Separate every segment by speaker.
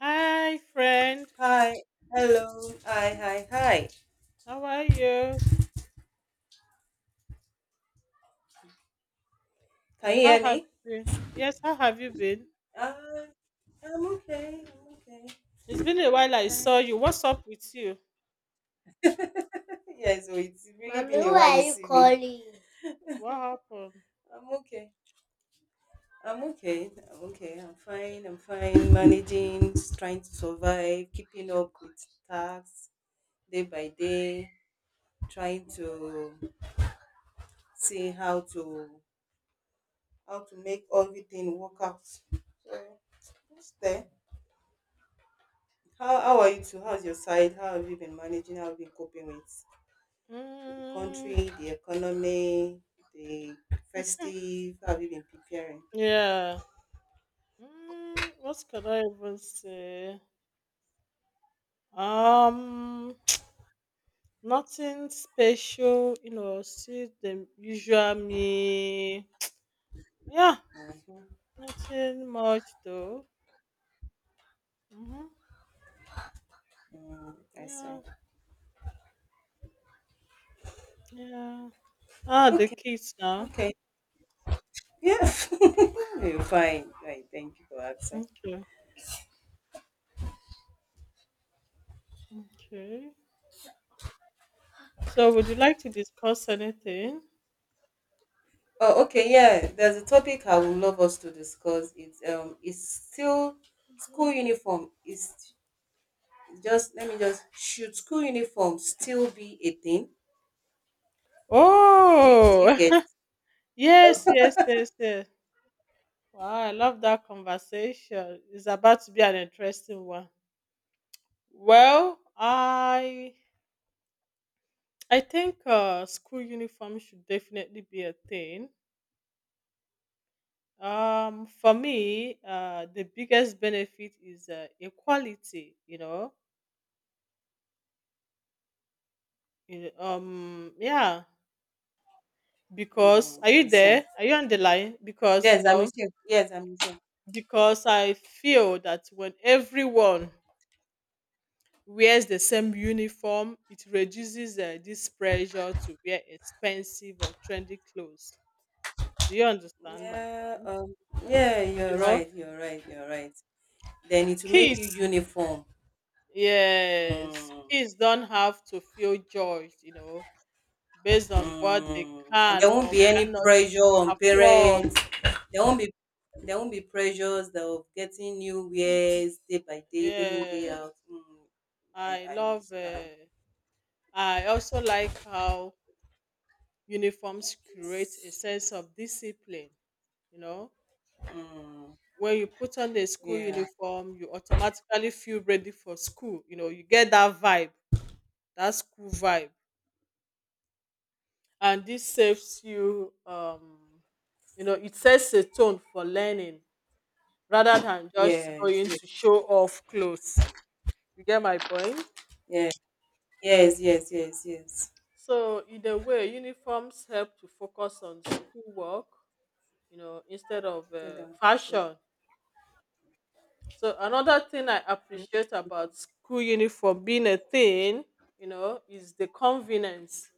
Speaker 1: Hi, friend.
Speaker 2: Hi, hello, hi, hi, hi.
Speaker 1: How are you?
Speaker 2: Can you
Speaker 1: How
Speaker 2: hear
Speaker 1: have
Speaker 2: me?
Speaker 1: you been? Yes, how have you been?
Speaker 2: Uh, I'm okay, I'm okay,
Speaker 1: It's been a
Speaker 2: I'm
Speaker 1: while I saw
Speaker 2: fine.
Speaker 1: you. What's up with you?
Speaker 2: Yeah, so it's really Mommy, been a who while are you you see me. Calling?
Speaker 1: What happened?
Speaker 2: I'm okay, I'm okay, I'm okay, I'm fine, I'm fine. Managing, trying to survive, keeping up with tasks day by day, trying to see how to make everything work out. Just there. How are you two? How's your side? How have you been managing? How have you been coping with? To the
Speaker 1: Mm,
Speaker 2: country, the economy, the festive. How have you been preparing?
Speaker 1: yeah. Mm, what can I even say? Um, nothing special, see the usual me. Yeah,
Speaker 2: Mm-hmm.
Speaker 1: nothing much though. Mm-hmm.
Speaker 2: Mm, I see.
Speaker 1: Yeah, yeah. Ah, the
Speaker 2: Okay.
Speaker 1: kids now.
Speaker 2: Okay. Yeah. You're fine. Right. Thank you for asking.
Speaker 1: Okay, okay. So, would you like to discuss anything?
Speaker 2: Oh, okay. Yeah. There's a topic I would love us to discuss. It's it's still school uniform. Is just let me just should school uniform still be a thing? Do you do
Speaker 1: Oh,
Speaker 2: you get?
Speaker 1: yes. Wow, I love that conversation. It's about to be an interesting one. Well, I think school uniform should definitely be a thing. For me, the biggest benefit is equality. You- um, yeah. Because
Speaker 2: Mm,
Speaker 1: are
Speaker 2: I
Speaker 1: you
Speaker 2: see.
Speaker 1: there? Are you on the line? Because you
Speaker 2: Yes, I'm
Speaker 1: know,
Speaker 2: with you. Yes, I'm with you.
Speaker 1: because I feel that when everyone wears the same uniform, it reduces this pressure to wear expensive or trendy clothes. Do you understand my
Speaker 2: Yeah,
Speaker 1: point?
Speaker 2: yeah,
Speaker 1: You
Speaker 2: you're
Speaker 1: know,
Speaker 2: right, you're right, you're right. Then it will make you
Speaker 1: kids,
Speaker 2: uniform.
Speaker 1: yes,
Speaker 2: Mm,
Speaker 1: kids don't have to feel judged, based on what they
Speaker 2: mm. And
Speaker 1: can
Speaker 2: there won't
Speaker 1: or
Speaker 2: be any
Speaker 1: cannot
Speaker 2: pressure on
Speaker 1: afford.
Speaker 2: parents. There won't be there won't be pressures of getting new wares day by day, day in, day
Speaker 1: Yes,
Speaker 2: out. Mm, I,
Speaker 1: I
Speaker 2: I
Speaker 1: love.
Speaker 2: understand.
Speaker 1: I also like how uniforms create a sense of discipline. You know,
Speaker 2: Mm,
Speaker 1: when you put on a school
Speaker 2: yeah,
Speaker 1: uniform, you automatically feel ready for school. You know, you get that vibe, that school vibe. And this saves you, it sets a tone for learning rather than just
Speaker 2: yes,
Speaker 1: going
Speaker 2: yes,
Speaker 1: to show off clothes. You get my point?
Speaker 2: yes, yes, yes, yes, yes.
Speaker 1: So, in a way, uniforms help to focus on schoolwork, instead of
Speaker 2: Get down. Stay.
Speaker 1: fashion. So another thing I appreciate about school uniform being a thing, is the convenience.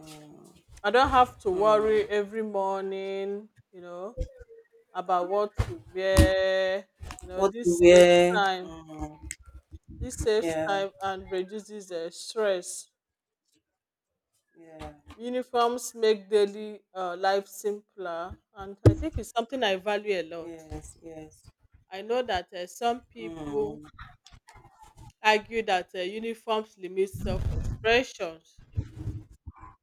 Speaker 2: Mm,
Speaker 1: I don't have to
Speaker 2: mm.
Speaker 1: worry every morning, about what to wear.
Speaker 2: What to
Speaker 1: This saves
Speaker 2: wear?
Speaker 1: time.
Speaker 2: Mm,
Speaker 1: This saves
Speaker 2: yeah.
Speaker 1: time and reduces the stress.
Speaker 2: Yeah,
Speaker 1: Uniforms make daily life simpler, and I think it's something I value a lot.
Speaker 2: yes, yes.
Speaker 1: I know that some people
Speaker 2: Mm,
Speaker 1: argue that uniforms limit self-expression.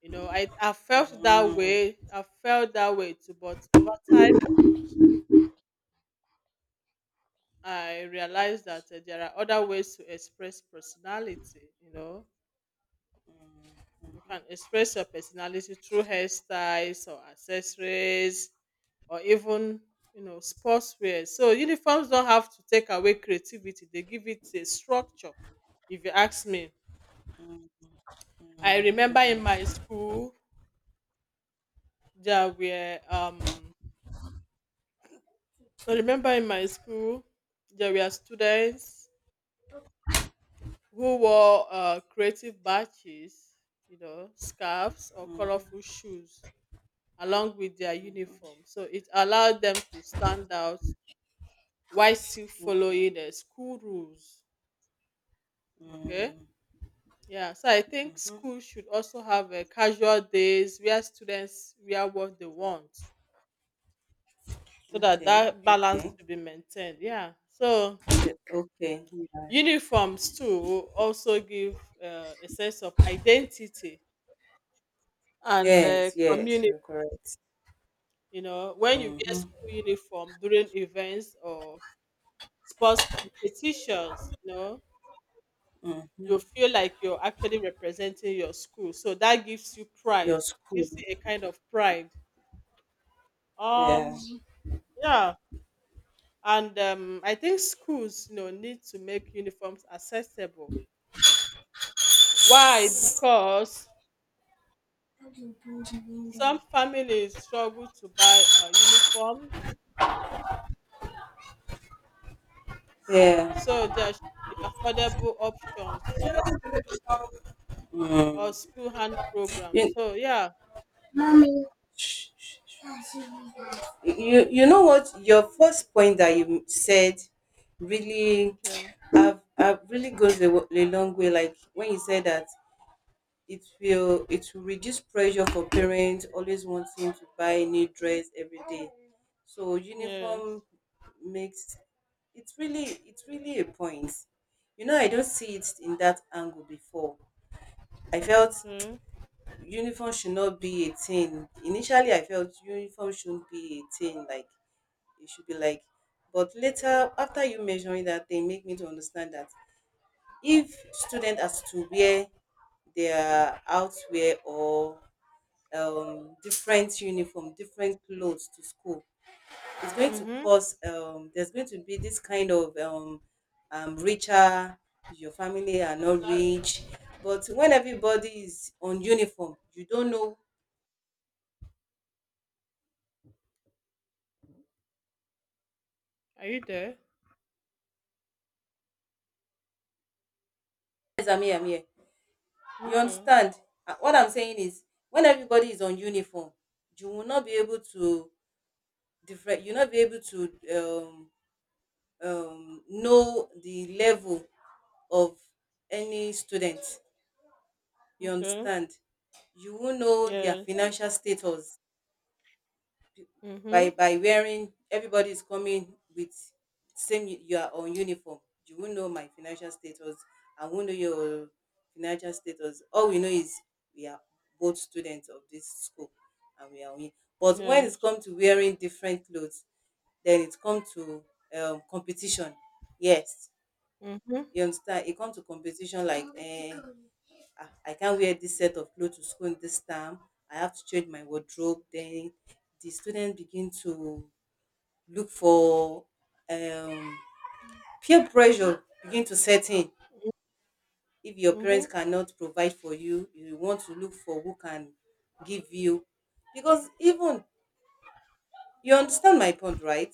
Speaker 1: I felt that
Speaker 2: mm,
Speaker 1: way. I felt that way too, but over time I realized that there are other ways to express personality, you know. You can express your personality through hairstyles or accessories or even, sportswear. So uniforms don't have to take away creativity. They give it a structure, if you ask me. I remember in my school there were um I remember in my school there were students who wore creative badges, scarves or
Speaker 2: mm-hmm,
Speaker 1: colorful shoes along with their
Speaker 2: mm-hmm.
Speaker 1: uniform. So it allowed them to stand out while still
Speaker 2: Okay.
Speaker 1: following the school rules. Okay.
Speaker 2: Mm,
Speaker 1: Yeah. So I think
Speaker 2: mm-hmm.
Speaker 1: schools should also have a casual days where students wear what they want so that
Speaker 2: Okay,
Speaker 1: that balance
Speaker 2: okay.
Speaker 1: will be maintained. Yeah. So
Speaker 2: Yeah, okay. Yeah.
Speaker 1: uniforms too also give a sense of identity and
Speaker 2: Yes, yes,
Speaker 1: community.
Speaker 2: you're correct.
Speaker 1: You know, when you wear
Speaker 2: Mm-hmm,
Speaker 1: school uniform during events or sports competitions,
Speaker 2: mm.
Speaker 1: you feel like you're actually representing your school. So that gives you pride,
Speaker 2: Your school.
Speaker 1: gives you a kind of pride.
Speaker 2: Yeah,
Speaker 1: Um, yeah. And I think schools, need to make uniforms accessible. Why? Because some families struggle to buy uniforms, so
Speaker 2: yeah.
Speaker 1: there should be affordable options or
Speaker 2: Mm.
Speaker 1: school hand
Speaker 2: You,
Speaker 1: programs. So yeah,
Speaker 2: you know what? Your first point that you said really,
Speaker 1: okay.
Speaker 2: I've really goes a, a long way. Like when you said that it will it will reduce pressure for parents always wanting to buy a new dress every day. So
Speaker 1: Yes.
Speaker 2: uniform makes it's really a point. You know, I don't see it in that angle before. I felt
Speaker 1: Okay.
Speaker 2: uniform should not be a thing. Initially, I felt uniform shouldn't be a thing. Like it should be like, but later after you measuring that, they make me to understand that if student has to wear their outwear or different uniform, different clothes to school. It's going to
Speaker 1: Mm-hmm.
Speaker 2: cause there's going to be this kind of richer. Your family are not
Speaker 1: Exactly.
Speaker 2: rich, but when everybody is on uniform, you don't know.
Speaker 1: Are you there?
Speaker 2: Yes, I'm here. I'm here. You
Speaker 1: Okay.
Speaker 2: understand? What I'm saying is, when everybody is on uniform, you will not be able to different. You'll not be able to know the level of any student. You
Speaker 1: Okay.
Speaker 2: understand? You won't know their
Speaker 1: Yes.
Speaker 2: financial status
Speaker 1: Mm-hmm.
Speaker 2: by wearing everybody is coming with same you are uniform you won't know my financial status, I won't know your financial status. All we know is we are both students of this school and we are we. But when it's
Speaker 1: Yes.
Speaker 2: come to wearing different clothes then it come to competition yes
Speaker 1: Mm-hmm.
Speaker 2: you understand it come to competition like ah I can't wear this set of clothes to school in this time. I have to change my wardrobe. Then the students begin to look for um, peer pressure begin to set in. If your
Speaker 1: Mm-hmm.
Speaker 2: parents cannot provide for you, you want to look for who can give you. Because even you understand my point, right?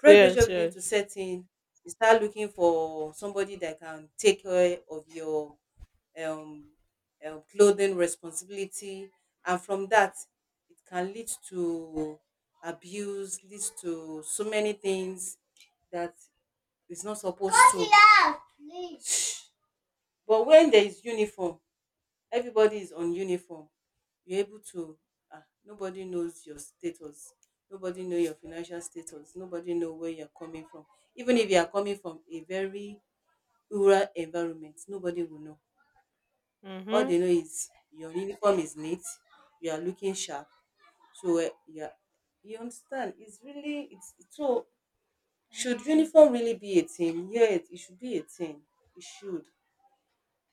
Speaker 2: Peer pressure
Speaker 1: Yes,
Speaker 2: begin
Speaker 1: yes.
Speaker 2: to set in. You start looking for somebody that can take care of your um, clothing responsibility. And from that, it can lead to abuse, leads to so many things that is not supposed to. Shh. But when there is uniform, everybody is on uniform. You're able to. Ah, nobody knows your status. Nobody know your financial status. Nobody know where you're coming from. Even if you are coming from a very rural environment, nobody will know. All
Speaker 1: Mm-hmm.
Speaker 2: they know is your uniform is neat, you are looking sharp. So yeah, you understand? It's really it's so. Should uniform really be a thing? Yes, it should be a thing. It should.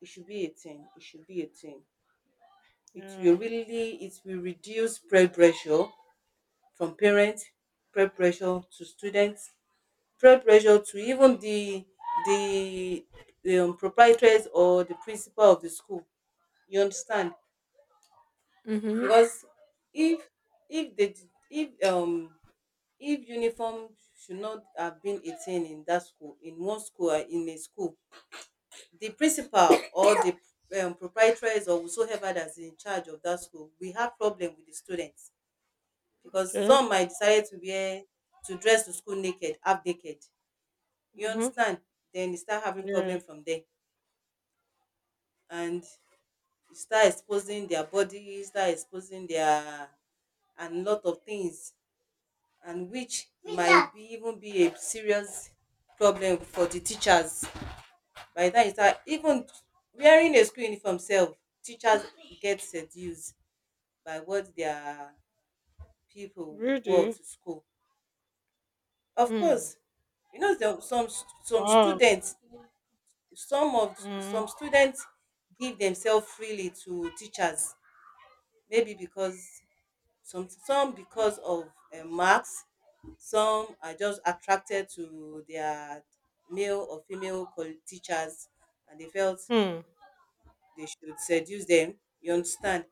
Speaker 2: It should be a thing. It should be a thing. It
Speaker 1: Yeah.
Speaker 2: will really it will reduce peer pressure from parents, peer pressure to students, peer pressure to even the the proprietors or the principal of the school. You understand?
Speaker 1: Mm-hmm.
Speaker 2: Because if if the if um if uniform should not have been a thing in that school in one school or in a school the principal or the proprietors or whosoever that's in charge of that school we have problem with the students because
Speaker 1: Okay.
Speaker 2: some might decide to wear to dress to school naked half naked you
Speaker 1: Mm-hmm.
Speaker 2: understand then you start having problem
Speaker 1: Yeah.
Speaker 2: from there and you start exposing their bodies, start exposing their and lot of things and which might be even be a serious problem for the teachers by the time you start even wearing a school uniform sef teachers get seduced by what their people wore
Speaker 1: Really?
Speaker 2: to school. Of
Speaker 1: Hmm.
Speaker 2: course you know some
Speaker 1: Wow.
Speaker 2: students some of
Speaker 1: Mm-hmm.
Speaker 2: some students give themselves freely to teachers maybe because some because of marks. Some are just attracted to their male or female teachers and they felt they should seduce them. You understand?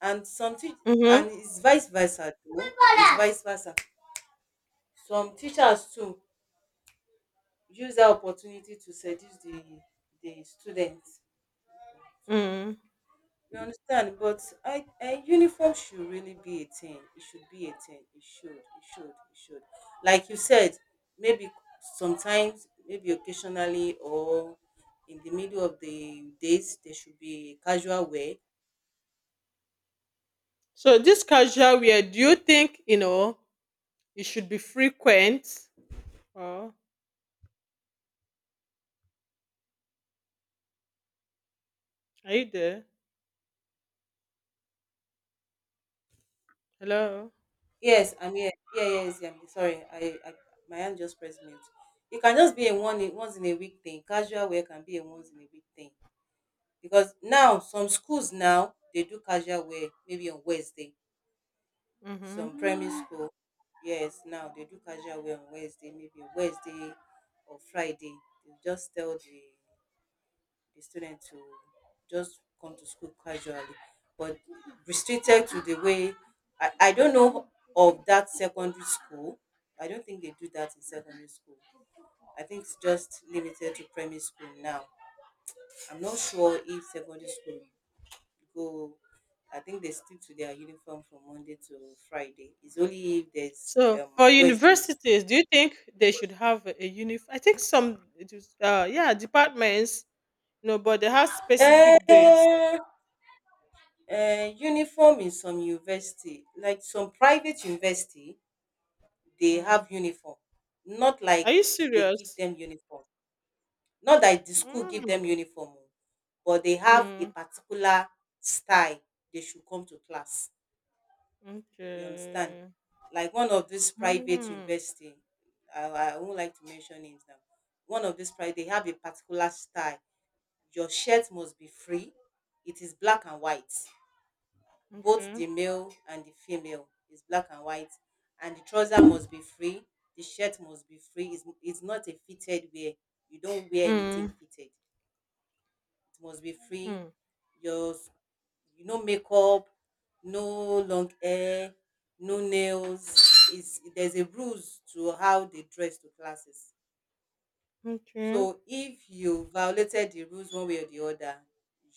Speaker 2: And some teach and
Speaker 1: Mm-hmm.
Speaker 2: it's vice versa too. It's vice versa. Some teachers too use that opportunity to seduce the students.
Speaker 1: Mm-hmm.
Speaker 2: You understand? But I, a uniform should really be a thing. It should be a thing. It should. It should. It should. Like you said, maybe sometimes, maybe occasionally, or in the middle of the days, there should be casual wear.
Speaker 1: So this casual wear, do you think, it should be frequent? Oh, are you there? Hello?
Speaker 2: Yes, I'm here. Yeah, yeah, yes, yeah. I'm sorry. I my hand just pressed mute. It can just be a one in, once in a week thing. Casual wear can be a once in a week thing because now some schools now they do casual wear maybe on Wednesday.
Speaker 1: Mm-hmm.
Speaker 2: Some primary school, yes, now they do casual wear on Wednesday, maybe Wednesday or Friday. They just tell the student to just come to school casually but restricted to the way I don't know of that secondary school. I don't think they do that in secondary school. I think it's just limited to primary school now. I'm not sure if secondary school go I think they stick to their uniform from Monday to Friday. It's only if there's
Speaker 1: So for
Speaker 2: Wednesdays.
Speaker 1: universities, do you think they should have a uniform? I think some, it is, yeah, departments, no, but they have specific
Speaker 2: Uh,
Speaker 1: days.
Speaker 2: uniform in some university, like some private university, they
Speaker 1: Mm.
Speaker 2: have uniform. Not
Speaker 1: Are
Speaker 2: like
Speaker 1: you
Speaker 2: they give
Speaker 1: serious?
Speaker 2: them uniform. Not that the school give them
Speaker 1: Mm.
Speaker 2: uniform, oh, but they have a
Speaker 1: Mm.
Speaker 2: particular style they should come to class. You understand?
Speaker 1: Okay.
Speaker 2: Like one of this private
Speaker 1: Mm.
Speaker 2: university, I won't like to mention it now. One of this private, they have a particular style. Your shirt must be free. It is black and white both
Speaker 1: Okay.
Speaker 2: the male and the female is black and white and the trouser must be free the shirt must be free it's not a fitted wear you don't wear anything
Speaker 1: Mm.
Speaker 2: fitted it must be free
Speaker 1: Mm.
Speaker 2: your you no makeup no long hair no nails it's, there's a rules to how they dress to classes
Speaker 1: Okay.
Speaker 2: so if you violated the rules one way or the other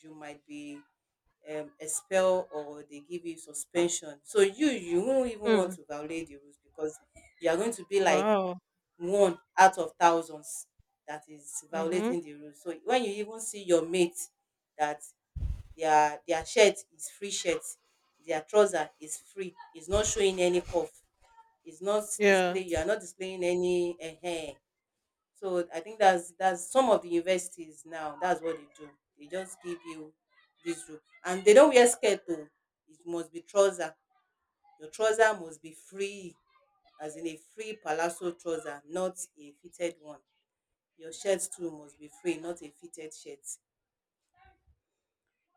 Speaker 2: you might be expel or they give you suspension. So you won't even want
Speaker 1: Mm.
Speaker 2: to violate the rules because you are going to be like
Speaker 1: Wow.
Speaker 2: one out of thousands that is
Speaker 1: Mm-hmm.
Speaker 2: violating the rules. So when you even see your mate that their shirt is free shirt, their trouser is free, it's not showing any cuff, it's not
Speaker 1: Yeah.
Speaker 2: display you are not displaying any uh so I think that's some of the universities now. That's what they do. They just give you this rope, and they don't wear skirt though. It must be trouser. Your trouser must be free, as in a free palazzo trouser, not a fitted one. Your shirt too must be free, not a fitted shirt.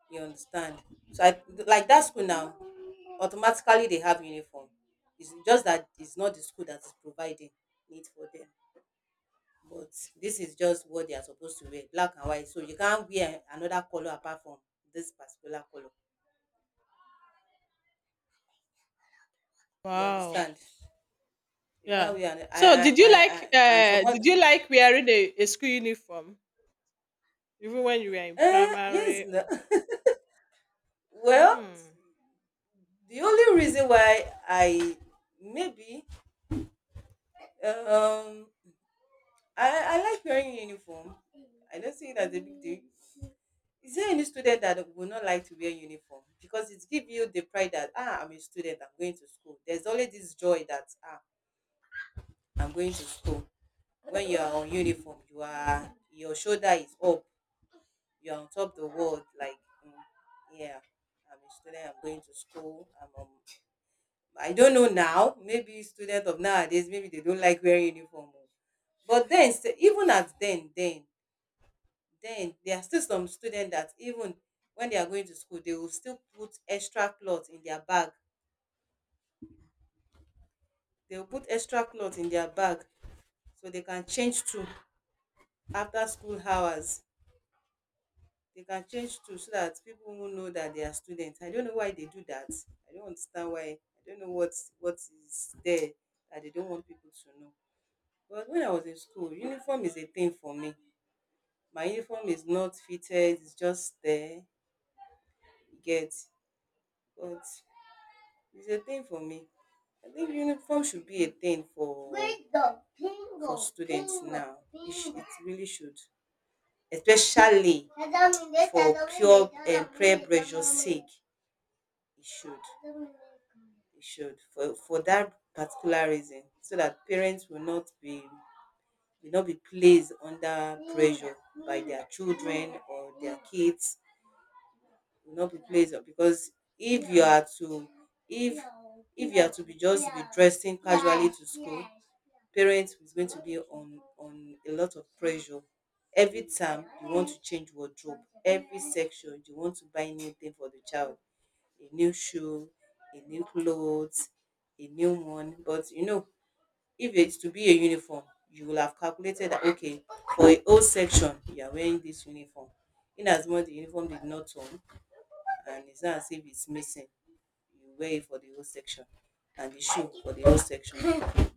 Speaker 2: You understand? So I like that school now. Automatically they have uniform. It's just that it's not the school that is providing it for them. But this is just what they are supposed to wear black and white so you can't wear another color apart from this particular color you
Speaker 1: Wow.
Speaker 2: understand you can't
Speaker 1: Yeah.
Speaker 2: wear an,
Speaker 1: So
Speaker 2: and some
Speaker 1: did
Speaker 2: other
Speaker 1: you like wearing a school uniform even when you were in
Speaker 2: yes
Speaker 1: primary?
Speaker 2: no. Well
Speaker 1: Mm.
Speaker 2: the only reason why I maybe um I like wearing uniform I don't see it as a big deal is there any student that would not like to wear uniform because it gives you the pride that ah I'm a student I'm going to school there's always this joy that ah I'm going to school when you are on uniform you are your shoulder is up you are on top of the world like mm, yeah I'm a student I'm going to school I'm I don't know now maybe students of nowadays maybe they don't like wearing uniform oh. But then even at then, then there are still some students that even when they are going to school, they will still put extra clothes in their bag. They will put extra clothes in their bag so they can change to after school hours. They can change too, so that people will know that they are students. I don't know why they do that. I don't understand why. I don't know what is there that they don't want people to know. But when I was in school, uniform is a thing for me. My uniform is not fitted, it's just there. You get, but it's a thing for me. I think uniform should be a thing for, wait, the for pingo, students pingo, now. It, pingo. It really should, especially for pure and tell me prayer pressure's sake. It should, for that particular reason, so that parents will not be, placed under pressure by their children, or their kids will not be placed up. Because if you are to, if if you are to be just be dressing casually to school, parents is going to be on a lot of pressure every time you want to change wardrobe, every section you want to buy new thing for the child, a new shoe, a new clothes, a new one. But you know, if it's to be a uniform, you will have calculated that, okay, for a whole section, you are wearing this uniform. In as much the uniform did not turn and it's not as if it's missing, you wear it for the whole section and the shoe for the whole section.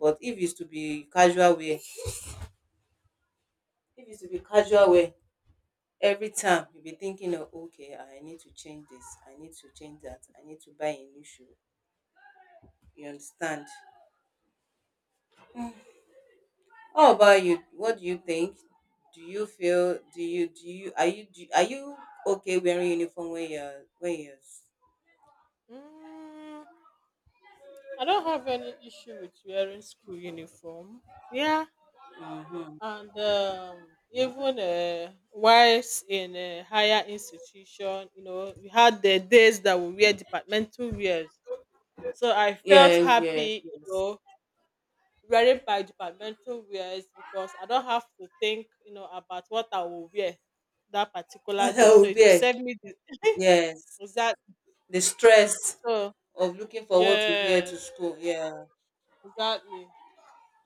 Speaker 2: But if it's to be casual wear, if it's to be casual wear, every time you'll be thinking of, okay, I need to change this, I need to change that, I need to buy a new shoe. You understand? How about you? What do you think? Do you feel? Do you? Do you? Are you? Do, are you okay wearing uniform when you're? When you're?
Speaker 1: Mm, I don't have any issue with wearing school uniform. Yeah,
Speaker 2: Mm-hmm.
Speaker 1: and even whilst in a higher institution, we had the days that we wear departmental wears. So I felt
Speaker 2: Yes. Yes.
Speaker 1: happy,
Speaker 2: Yes.
Speaker 1: wearing my departmental wears because I don't have to think, about what I will wear that particular
Speaker 2: What
Speaker 1: day.
Speaker 2: I
Speaker 1: So
Speaker 2: would
Speaker 1: it will
Speaker 2: wear?
Speaker 1: save me the,
Speaker 2: Yes.
Speaker 1: is that
Speaker 2: The stress
Speaker 1: so?
Speaker 2: of looking for what to wear
Speaker 1: Yeah,
Speaker 2: to school. Yeah.
Speaker 1: exactly.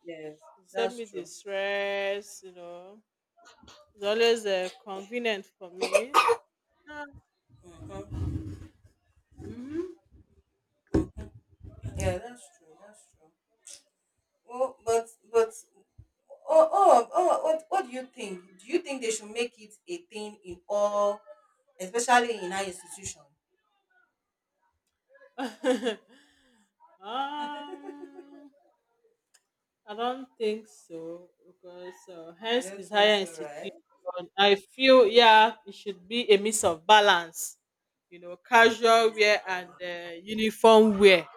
Speaker 2: Yes.
Speaker 1: You save
Speaker 2: That's
Speaker 1: me the
Speaker 2: true.
Speaker 1: stress, you know. It's always convenient for me. Yeah. Hmm.
Speaker 2: Yeah. That's true. That's true. Well, but oh, oh, oh, what do you think? Do you think they should make it a thing in all, especially in our institution?
Speaker 1: um, I don't think so because
Speaker 2: You
Speaker 1: hence is
Speaker 2: don't think
Speaker 1: higher
Speaker 2: so,
Speaker 1: institution.
Speaker 2: right?
Speaker 1: I feel yeah, it should be a mix of balance, casual wear and
Speaker 2: Mhm,
Speaker 1: uniform wear.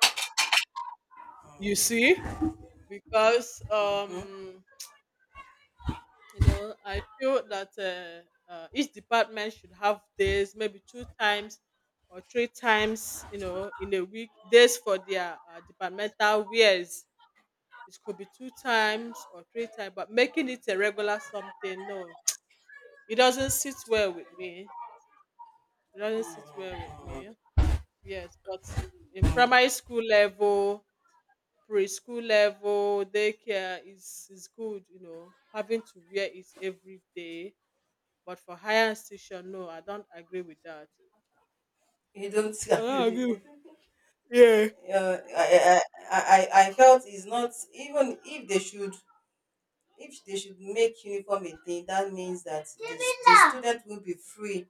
Speaker 1: You see, because
Speaker 2: mhm,
Speaker 1: you know I feel that each department should have days maybe two times or three times in a week days for their departmental wears. It could be two times or three times but making it a regular something, no, it doesn't sit well with me it doesn't sit well with
Speaker 2: mhm,
Speaker 1: me Yes, but in
Speaker 2: mhm.
Speaker 1: primary school level, preschool level, daycare is good, having to wear it every day. But for higher institution, no, I don't agree with that.
Speaker 2: You don't
Speaker 1: I don't
Speaker 2: agree
Speaker 1: agree
Speaker 2: with
Speaker 1: with.
Speaker 2: it.
Speaker 1: Yeah.
Speaker 2: Uh, I, I felt it's not even, if they should make uniform a thing, that means that the student will be free.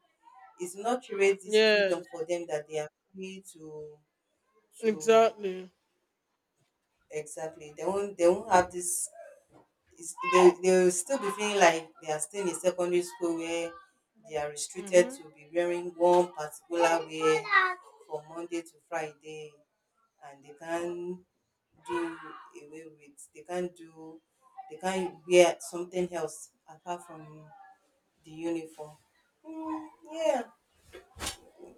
Speaker 2: It's not, create this freedom
Speaker 1: Yes,
Speaker 2: for them that they are free to, to
Speaker 1: exactly.
Speaker 2: exactly. They won't have this is they'll still be feeling like they are still in secondary school where they are restricted
Speaker 1: Mm-hmm.
Speaker 2: to be wearing one particular wear from Monday to Friday, and they can't do away with, they can't do, they can't wear something else apart from the uniform. Mm, yeah,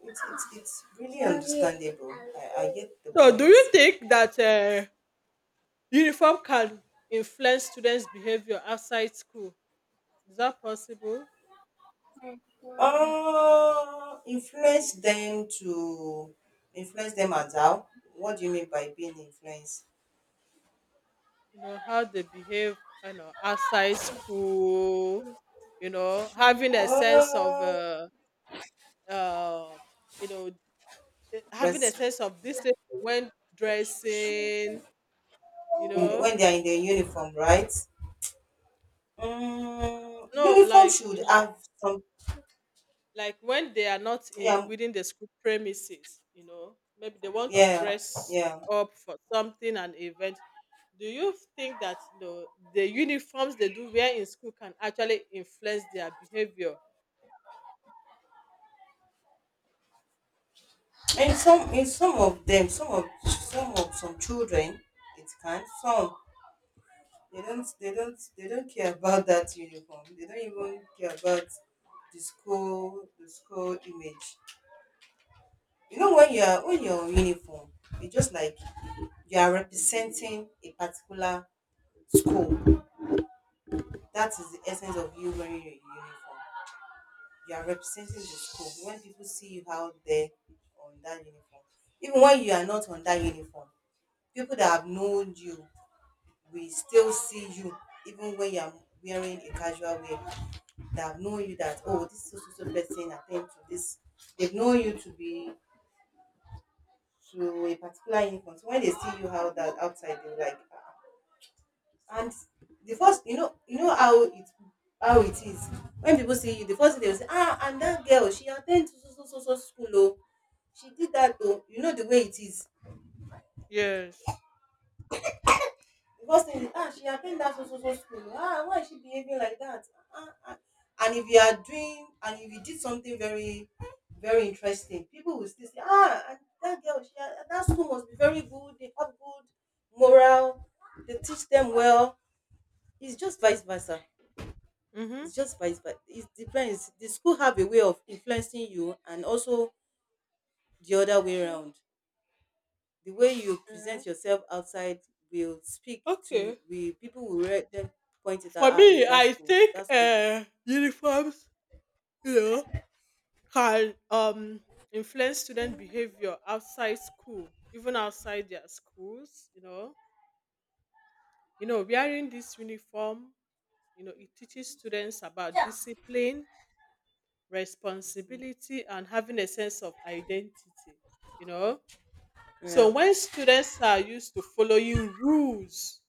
Speaker 2: it's really understandable. I get the
Speaker 1: So, do
Speaker 2: point.
Speaker 1: you think that uniform can influence students' behavior outside school? Is that possible?
Speaker 2: Influence them to, influence them as how? What do you mean by being influenced?
Speaker 1: You know how they behave. You know outside school. You know having a sense of
Speaker 2: Uh,
Speaker 1: uh you know having a
Speaker 2: res-
Speaker 1: sense of discipline when dressing. You
Speaker 2: in
Speaker 1: know
Speaker 2: when they are in the uniform, right? Mm,
Speaker 1: no,
Speaker 2: uniform
Speaker 1: like,
Speaker 2: should have some.
Speaker 1: like when they are not in
Speaker 2: Yeah,
Speaker 1: within the school premises, maybe they want to
Speaker 2: yeah,
Speaker 1: dress
Speaker 2: yeah.
Speaker 1: up for something, an event. Do you think that the uniforms they do wear in school can actually influence their behavior?
Speaker 2: And some, in some of them, some of some children, it can some. They don't care about that uniform. They don't even care about the school image. You know, when you're on uniform, you just like you are representing a particular school. That is the essence of you wearing your uniform. You are representing the school. When people see you out there on that uniform, even when you are not on that uniform, people that have known you will still see you, even when you are wearing a casual wear, that have known you, that oh, this so so so person attend to this, they've known you to be, to a particular income. So when they see you how that outside, they're like, ah. And the first, you know, you know how it is, when people see you, the first thing they will say, ah, and that girl, she attend to so so so so school, oh, she did that, oh, you know the way it is.
Speaker 1: Yes.
Speaker 2: Because in ah, she attend that so so so school. Ah, why is she behaving like that? Ah, ah, ah. And if you are doing, and if you did something very, very interesting, people will still say, ah, and that girl, she, that school must be very good, they have good morale, they teach them well. It's just vice versa.
Speaker 1: Mm-hmm.
Speaker 2: It's just vice versa. It depends. The school have a way of influencing you, and also the other way around. The way you
Speaker 1: Okay.
Speaker 2: present yourself outside will speak to
Speaker 1: Okay.
Speaker 2: we, people will then point it out,
Speaker 1: For
Speaker 2: ah,
Speaker 1: me,
Speaker 2: is that
Speaker 1: I
Speaker 2: school,
Speaker 1: think
Speaker 2: that's school.
Speaker 1: uniforms, you know can influence student behavior outside school, even outside their schools, you know. You know, wearing this uniform, it teaches students about
Speaker 2: Yeah,
Speaker 1: discipline, responsibility, and having a sense of identity, you know. So
Speaker 2: yeah,
Speaker 1: when students are used to following rules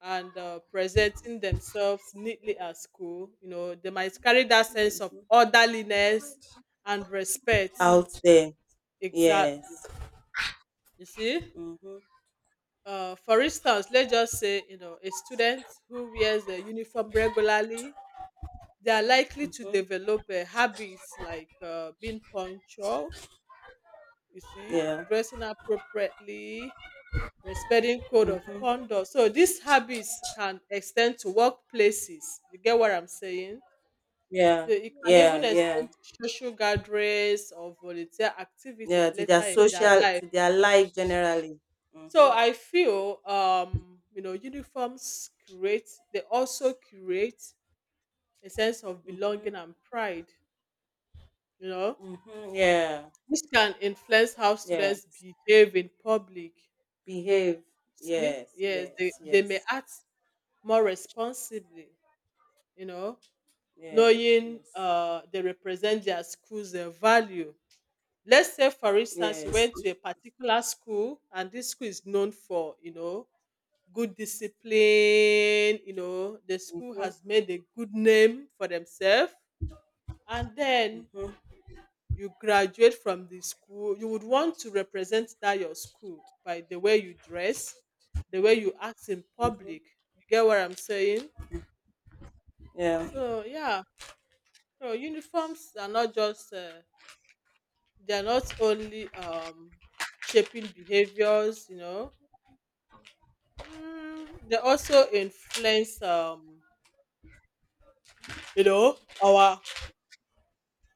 Speaker 1: and presenting themselves neatly at school, they might carry that sense of
Speaker 2: mhm,
Speaker 1: orderliness and respect.
Speaker 2: out there,
Speaker 1: Exactly.
Speaker 2: yes,
Speaker 1: You see?
Speaker 2: mm-hmm,
Speaker 1: For instance, let's just say, a student who wears the uniform regularly, they are likely to
Speaker 2: hmm,
Speaker 1: develop habits like being punctual, you see,
Speaker 2: yeah,
Speaker 1: dressing appropriately, respecting code of conduct. So these habits can extend to workplaces. You get what I'm saying?
Speaker 2: yeah,
Speaker 1: So it can even
Speaker 2: yeah, yeah,
Speaker 1: extend to social gatherings or volunteer activities
Speaker 2: yeah, to their
Speaker 1: later in their
Speaker 2: social,
Speaker 1: life.
Speaker 2: to their life generally,
Speaker 1: So
Speaker 2: mm-hmm.
Speaker 1: I feel, uniforms create. They also create a sense of
Speaker 2: Mm-hmm.
Speaker 1: belonging and pride. You know,
Speaker 2: Mm-hmm. Yeah,
Speaker 1: this can influence how
Speaker 2: yeah,
Speaker 1: students behave in public.
Speaker 2: behave,
Speaker 1: See,
Speaker 2: yes,
Speaker 1: yes,
Speaker 2: yes,
Speaker 1: they
Speaker 2: yes,
Speaker 1: may act more responsibly, you know,
Speaker 2: yes,
Speaker 1: knowing
Speaker 2: yes,
Speaker 1: they represent their school's value. Let's say, for instance, you
Speaker 2: yes,
Speaker 1: went to a particular school, and this school is known for, good discipline, the school
Speaker 2: mm-hmm.
Speaker 1: has made a good name for themselves. And then
Speaker 2: Mm-hmm.
Speaker 1: you graduate from the school, you would want to represent that your school by the way you dress, the way you act in
Speaker 2: Mm-hmm.
Speaker 1: public. You get what I'm saying?
Speaker 2: Yeah.
Speaker 1: So yeah, so uniforms are not just they are not only shaping behaviors, you know. Mm, they also influence, you know, our.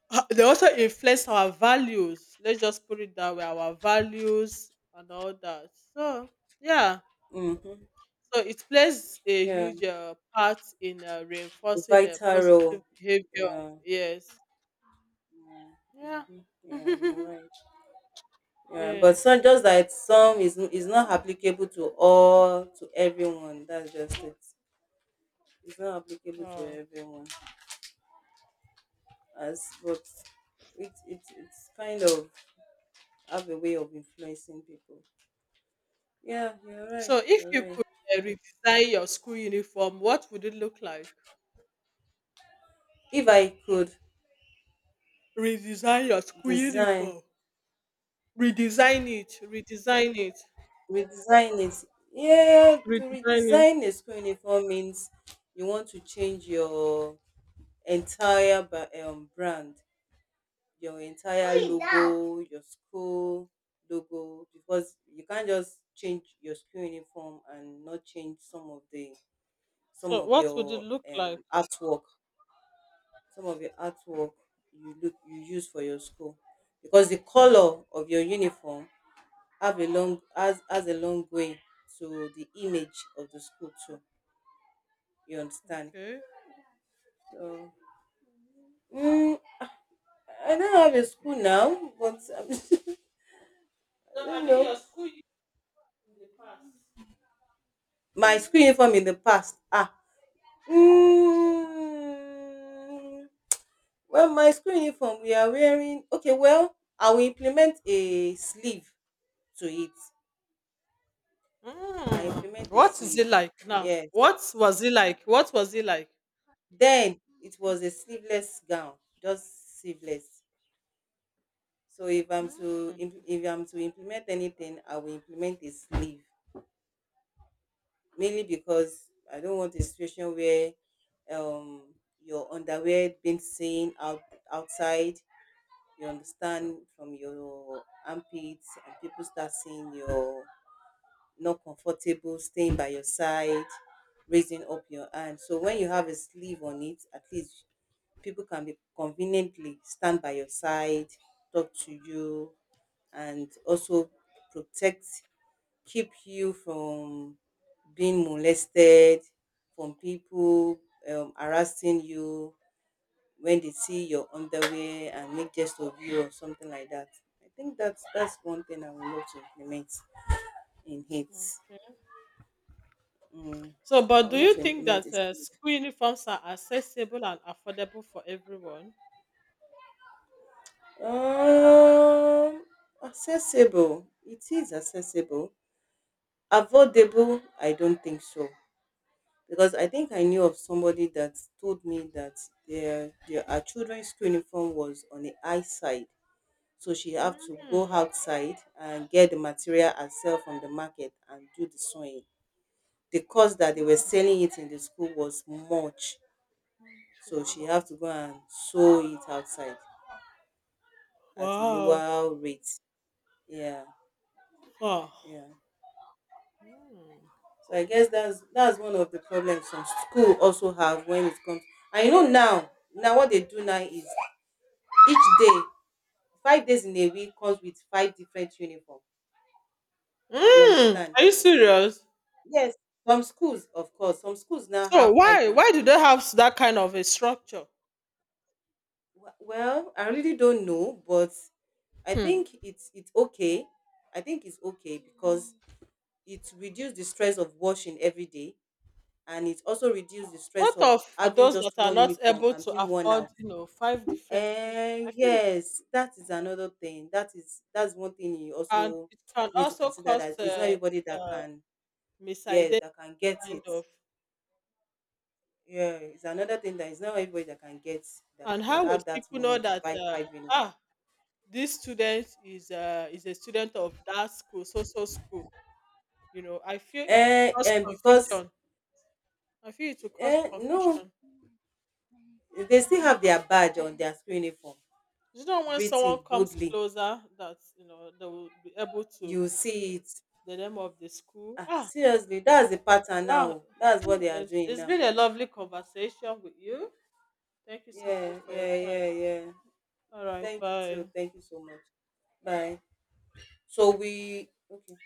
Speaker 1: They also influence our values. Let's just put it that way, our values and all that. So yeah,
Speaker 2: Mm-hmm.
Speaker 1: so it plays a
Speaker 2: Yeah,
Speaker 1: huge part in
Speaker 2: a
Speaker 1: reinforcing a
Speaker 2: vital
Speaker 1: positive
Speaker 2: role.
Speaker 1: behavior.
Speaker 2: Yeah.
Speaker 1: Yes.
Speaker 2: Yeah.
Speaker 1: Yeah.
Speaker 2: Mm-hmm. Yeah, you're right. Yeah, but some,
Speaker 1: Yes.
Speaker 2: just that some is not applicable to all, to everyone. That's just it. It's not applicable to
Speaker 1: Oh.
Speaker 2: everyone. As, but it, it's kind of have a way of influencing people. Yeah, you're
Speaker 1: So
Speaker 2: right.
Speaker 1: if
Speaker 2: You're
Speaker 1: you
Speaker 2: right.
Speaker 1: could redesign your school uniform, what would it look like?
Speaker 2: If I could
Speaker 1: Redesign your school
Speaker 2: design,
Speaker 1: uniform. Redesign it. Redesign it.
Speaker 2: redesign it. Yeah, to
Speaker 1: Redesign it.
Speaker 2: redesign a school uniform means you want to change your entire brand, your entire logo, your school logo, because you can't just change your school uniform and not change some of the, some
Speaker 1: So
Speaker 2: of
Speaker 1: what would it
Speaker 2: your
Speaker 1: look like?
Speaker 2: artwork, some of your artwork you look you use for your school, because the color of your uniform have a long, has a long way to the image of the school too. You understand?
Speaker 1: Okay.
Speaker 2: So, mm, I don't have a school now, but I
Speaker 1: No, I
Speaker 2: don't
Speaker 1: mean
Speaker 2: know.
Speaker 1: your school uniform in the past.
Speaker 2: My school uniform in the past. Ah. Mm, well, my school uniform, we are wearing. Okay, well, I will implement a sleeve to it. I
Speaker 1: Mm.
Speaker 2: implement a
Speaker 1: What is
Speaker 2: sleeve.
Speaker 1: it like now?
Speaker 2: Yes.
Speaker 1: What was it like? What was it like?
Speaker 2: Then it was a sleeveless gown, just sleeveless. So
Speaker 1: Mm,
Speaker 2: if I'm to implement anything, I will implement a sleeve, mainly because I don't want a situation where um, your underwear being seen out outside, you understand, from your armpits, and people start seeing you're not comfortable staying by your side, raising up your hand. So when you have a sleeve on it, at least people can be conveniently stand by your side, talk to you, and also protect, keep you from being molested, from people harassing you when they see your underwear and make jest of you or something like that. I think that's one thing I would love to implement in hate.
Speaker 1: okay.
Speaker 2: Mm,
Speaker 1: So,
Speaker 2: I
Speaker 1: but do
Speaker 2: would love
Speaker 1: you
Speaker 2: to
Speaker 1: think
Speaker 2: implement
Speaker 1: that
Speaker 2: it too.
Speaker 1: school uniforms are accessible and affordable for everyone?
Speaker 2: Um, accessible. It is accessible. Avoidable. I don't think so, because I think I knew of somebody that told me that their our children's school uniform was on the high side, so she have to go
Speaker 1: Mm,
Speaker 2: outside and get the material herself from the market and do the sewing. The cost that they were selling it in the school was much, so she
Speaker 1: okay.
Speaker 2: have to go and sew it outside at a
Speaker 1: Wow.
Speaker 2: lower rate. Yeah.
Speaker 1: Huh.
Speaker 2: Yeah.
Speaker 1: Mm.
Speaker 2: So I guess that's one of the problems some school also have when it comes. And you know, now what they do now is each day, 5 days in a week comes with five different uniform. You
Speaker 1: Mm,
Speaker 2: understand?
Speaker 1: are you serious?
Speaker 2: Yes, some schools, of course, some schools now
Speaker 1: So
Speaker 2: have five
Speaker 1: why do
Speaker 2: uniform.
Speaker 1: they have that kind of a structure?
Speaker 2: Well, I really don't know, but I
Speaker 1: Hmm.
Speaker 2: think it's okay. I think it's okay because it reduces the stress of washing every day, and it also reduces the stress
Speaker 1: What
Speaker 2: of
Speaker 1: of for
Speaker 2: having
Speaker 1: those that
Speaker 2: just
Speaker 1: are
Speaker 2: one
Speaker 1: not
Speaker 2: uniform
Speaker 1: able
Speaker 2: and
Speaker 1: to
Speaker 2: being worn
Speaker 1: afford,
Speaker 2: out.
Speaker 1: five different uniforms?
Speaker 2: Eh,
Speaker 1: I feel it
Speaker 2: yes, that is another thing. That is, that's one thing you
Speaker 1: can
Speaker 2: also
Speaker 1: it can
Speaker 2: need to
Speaker 1: also
Speaker 2: consider,
Speaker 1: cause
Speaker 2: that it's not everybody that
Speaker 1: uh,
Speaker 2: can, yes,
Speaker 1: misident
Speaker 2: that can get
Speaker 1: kind
Speaker 2: it.
Speaker 1: of.
Speaker 2: Yeah, it's another thing, that is not everybody that can get that,
Speaker 1: And how would
Speaker 2: have that
Speaker 1: people know
Speaker 2: money to
Speaker 1: that?
Speaker 2: buy five uniform.
Speaker 1: Ah, this student is a student of that school, so so school. You know, I feel it will
Speaker 2: Eh,
Speaker 1: cause
Speaker 2: and because,
Speaker 1: confusion. I feel it will cause
Speaker 2: eh, no,
Speaker 1: confusion.
Speaker 2: they still have their badge on their school uniform
Speaker 1: You know, when
Speaker 2: written
Speaker 1: someone comes
Speaker 2: boldly.
Speaker 1: closer, that you know they will be able to
Speaker 2: You
Speaker 1: see
Speaker 2: see it.
Speaker 1: the name of the school.
Speaker 2: Ah,
Speaker 1: Ah,
Speaker 2: seriously, that's the pattern
Speaker 1: wow!
Speaker 2: now. That's what they are
Speaker 1: Anyways,
Speaker 2: doing
Speaker 1: it's
Speaker 2: now.
Speaker 1: been a lovely conversation with you. Thank you so much
Speaker 2: Yeah,
Speaker 1: for your
Speaker 2: yeah,
Speaker 1: time.
Speaker 2: yeah, yeah.
Speaker 1: All right,
Speaker 2: Thank you too.
Speaker 1: bye.
Speaker 2: Thank you so much. Bye. So we okay.